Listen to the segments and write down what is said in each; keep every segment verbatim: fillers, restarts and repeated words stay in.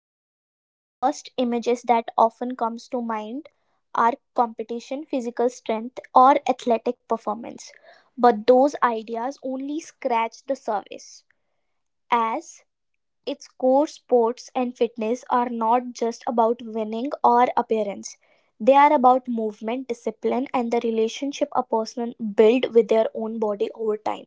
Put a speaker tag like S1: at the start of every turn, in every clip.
S1: and fitness, the first images that often comes to mind are competition, physical strength or athletic performance. But those ideas only scratch the surface as its core sports and fitness are not just about winning or appearance. They are about movement, discipline and the relationship a person builds with their own body over time.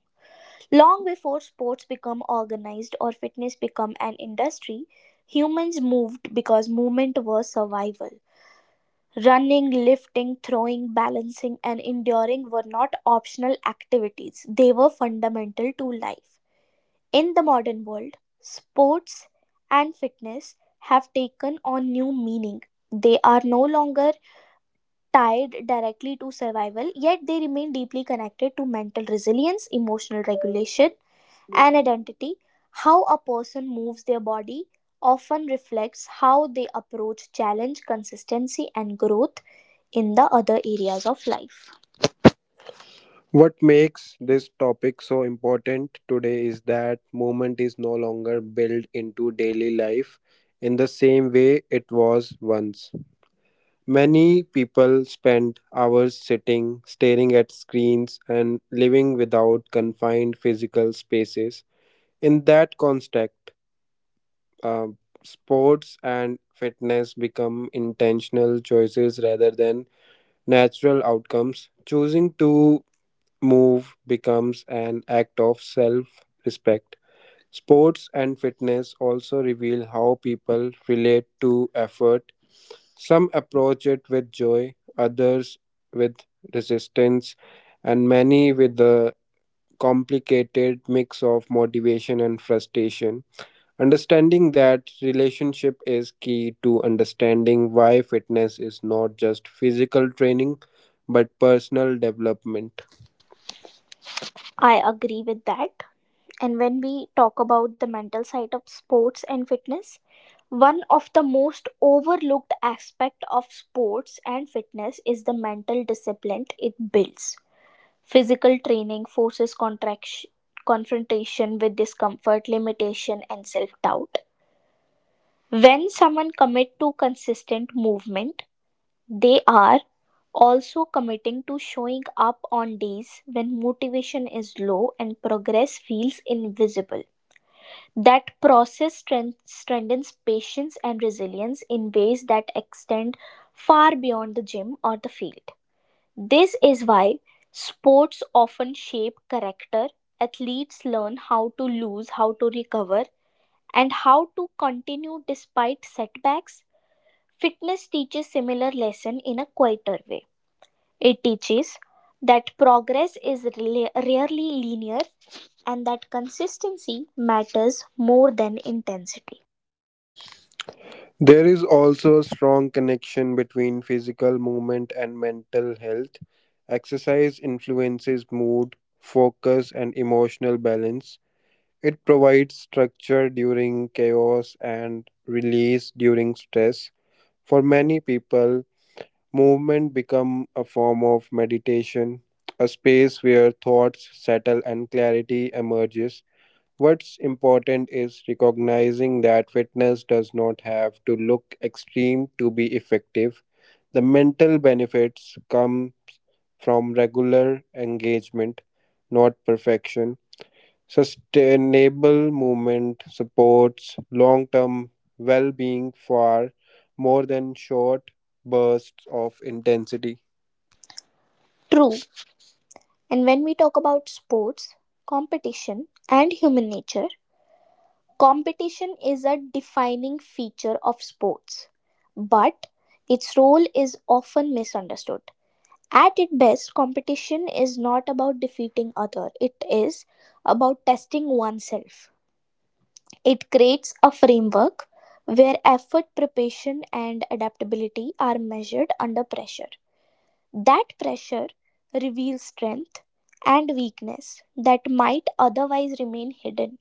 S1: Long before sports become organized or fitness become an industry, humans moved because movement was survival. Running, lifting, throwing, balancing, and enduring were not optional activities, they were fundamental to life. In the modern world, sports and fitness have taken on new meaning. They are no longer tied directly to survival, yet they remain deeply connected to mental resilience, emotional regulation, an identity, how a person moves their body, often reflects how they approach challenge, consistency, and growth in the other areas of life.
S2: What makes this topic so important today is that movement is no longer built into daily life in the same way it was once. Many people spend hours sitting, staring at screens, and living without confined physical spaces. In that context, uh, sports and fitness become intentional choices rather than natural outcomes. Choosing to move becomes an act of self respect. Sports and fitness also reveal how people relate to effort. Some approach it with joy, others with resistance, and many with a complicated mix of motivation and frustration. Understanding that relationship is key to understanding why fitness is not just physical training but personal development.
S1: I agree with that. And when we talk about the mental side of sports and fitness, one of the most overlooked aspect of sports and fitness is the mental discipline it builds. Physical training forces contraction confrontation with discomfort, limitation, and self doubt. When someone commit to consistent movement, they are also committing to showing up on days when motivation is low and progress feels invisible. That process strength- strengthens patience and resilience in ways that extend far beyond the gym or the field. This is why sports often shape character. Athletes learn how to lose, how to recover, and how to continue despite setbacks. Fitness teaches similar lesson in a quieter way. It teaches that progress is rela- rarely linear and that consistency matters more than intensity.
S2: There is also a strong connection between physical movement and mental health. Exercise influences mood, focus, and emotional balance. It provides structure during chaos and release during stress. For many people, movement become a form of meditation, a space where thoughts settle and clarity emerges. What's important is recognizing that fitness does not have to look extreme to be effective. The mental benefits come from regular engagement, not perfection. Sustainable movement supports long term well being far more than short bursts of intensity.
S1: True. And when we talk about sports, competition, and human nature, competition is a defining feature of sports, but its role is often misunderstood. At its best, competition is not about defeating other, it is about testing oneself. It creates a framework where effort, preparation, and adaptability are measured under pressure. That pressure reveals strength and weakness that might otherwise remain hidden.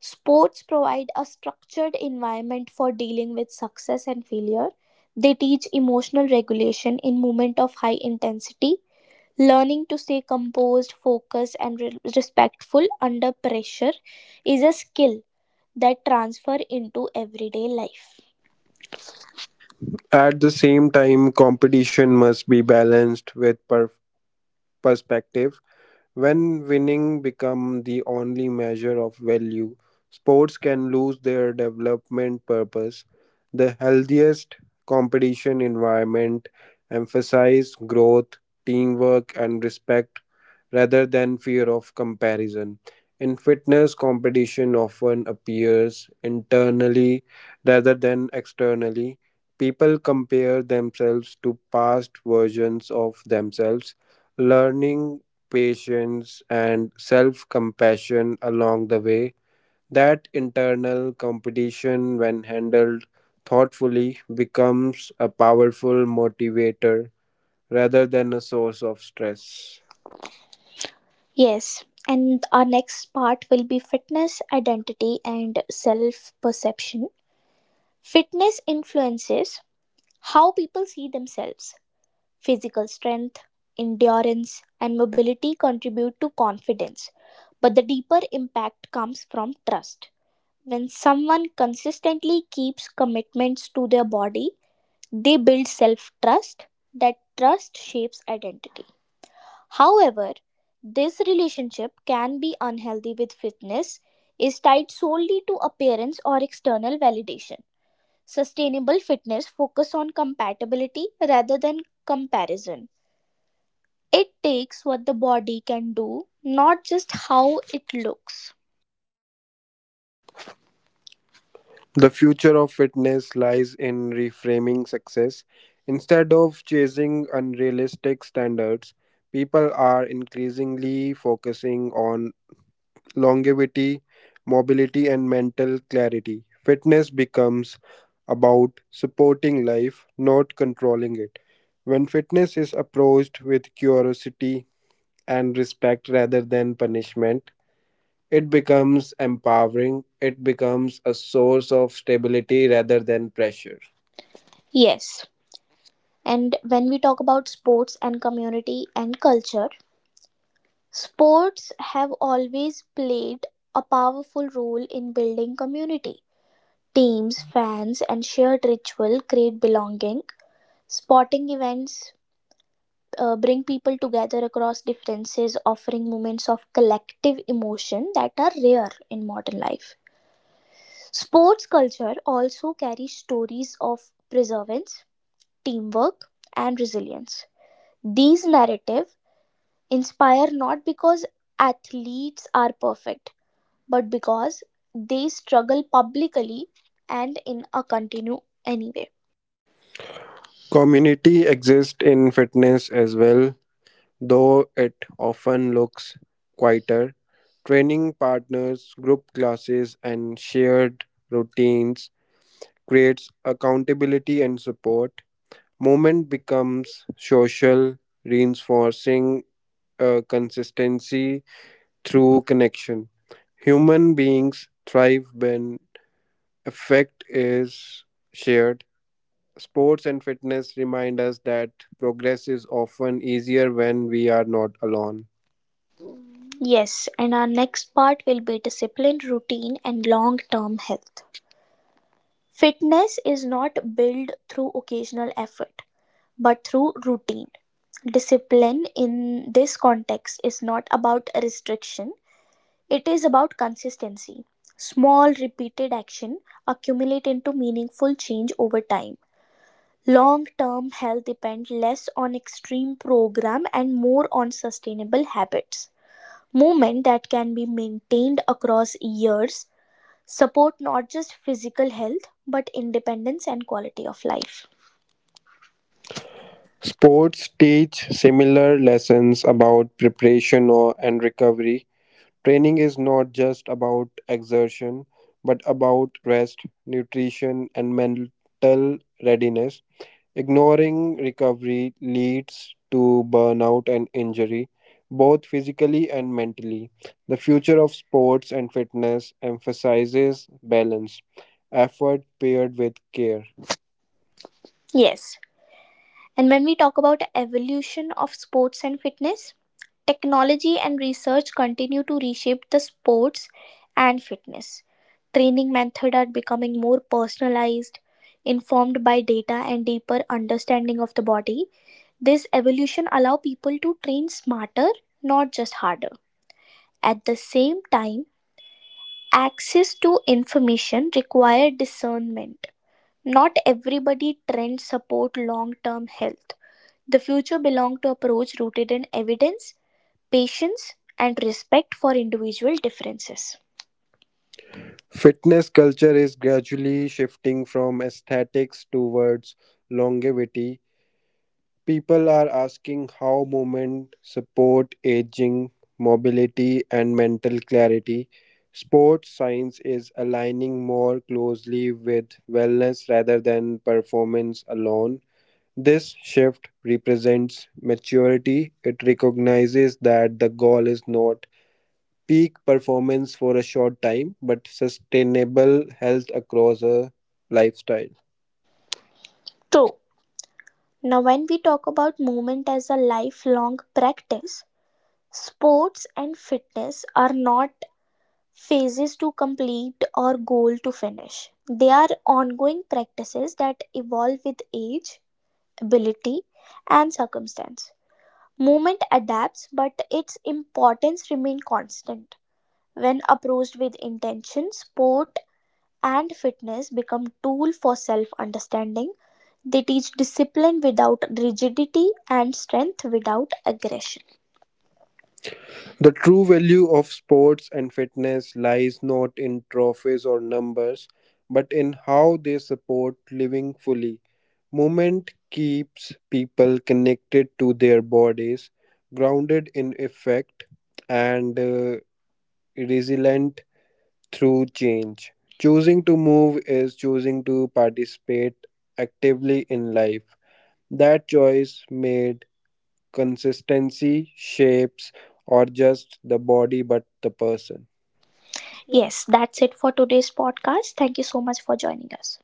S1: Sports provide a structured environment for dealing with success and failure. They teach emotional regulation in moments of high intensity. Learning to stay composed, focused, and re- respectful under pressure is a skill that transfer into everyday life.
S2: At the same time, competition must be balanced with per- perspective. When winning become the only measure of value, sports can lose their development purpose. The healthiest competition environment emphasize growth, teamwork and respect rather than fear of comparison. In fitness, competition often appears internally rather than externally. People compare themselves to past versions of themselves, learning patience, and self compassion along the way. That internal competition, when handled thoughtfully, becomes a powerful motivator rather than a source of stress.
S1: Yes, and our next part will be fitness, identity, and self perception. Fitness influences how people see themselves. Physical strength, endurance, and mobility contribute to confidence, but the deeper impact comes from trust. When someone consistently keeps commitments to their body, they build self trust. That trust shapes identity. However, this relationship can be unhealthy with fitness is tied solely to appearance or external validation. Sustainable fitness focus on compatibility rather than comparison. It takes what the body can do, not just how it looks.
S2: The future of fitness lies in reframing success. Instead of chasing unrealistic standards, people are increasingly focusing on longevity, mobility, and mental clarity. Fitness becomes about supporting life, not controlling it. When fitness is approached with curiosity and respect rather than punishment, it becomes empowering, it becomes a source of stability rather than pressure.
S1: Yes, and when we talk about sports and community and culture, sports have always played a powerful role in building community. Teams, fans, and shared ritual create belonging. Sporting events uh, bring people together across differences, offering moments of collective emotion that are rare in modern life. Sports culture also carries stories of perseverance, teamwork, and resilience. These narrative. Inspire not because athletes are perfect, but because they struggle publicly and in a continue anyway.
S2: Community exists in fitness as well. Though it often looks quieter, training partners, group classes, and shared routines creates accountability and support. Movement becomes social, reinforcing uh, consistency through connection. Human beings thrive when effect is shared. Sports and fitness remind us that progress is often easier when we are not alone.
S1: Yes, and our next part will be discipline, routine, and long term health. Fitness is not built through occasional effort, but through routine. Discipline in this context is not about restriction, it is about consistency. Small, repeated action accumulate into meaningful change over time. Long term health depends less on extreme program and more on sustainable habits. Movement that can be maintained across years support not just physical health but independence and quality of life.
S2: Sports teach similar lessons about preparation or, and recovery. Training is not just about exertion, but about rest, nutrition, and mental readiness. Ignoring recovery leads to burnout and injury, both physically and mentally. The future of sports and fitness emphasizes balance, effort paired with care.
S1: Yes. And when we talk about evolution of sports and fitness, technology and research continue to reshape the sports and fitness. Training methods are becoming more personalized, informed by data and deeper understanding of the body. This evolution allow people to train smarter, not just harder. At the same time, access to information require discernment. Not everybody trends support long-term health. The future belong to approach rooted in evidence patience and respect for individual differences.
S2: Fitness culture is gradually shifting from aesthetics towards longevity. People are asking how movement support aging, mobility and mental clarity. Sports science is aligning more closely with wellness rather than performance alone. This shift represents maturity. It recognizes that the goal is not peak performance for a short time, but sustainable health across a lifestyle.
S1: So, now when we talk about movement as a lifelong practice, sports and fitness are not phases to complete or goal to finish. They are ongoing practices that evolve with age, ability, and circumstance. Movement adapts, but its importance remains constant. When approached with intention, sport and fitness become tool for self understanding. They teach discipline without rigidity and strength without aggression.
S2: The true value of sports and fitness lies not in trophies or numbers, but in how they support living fully. Movement keeps people connected to their bodies, grounded in effect, and uh, resilient through change. Choosing to move is choosing to participate actively in life. That choice made consistency shapes or just the body but the person.
S1: Yes, that's it for today's podcast. Thank you so much for joining us.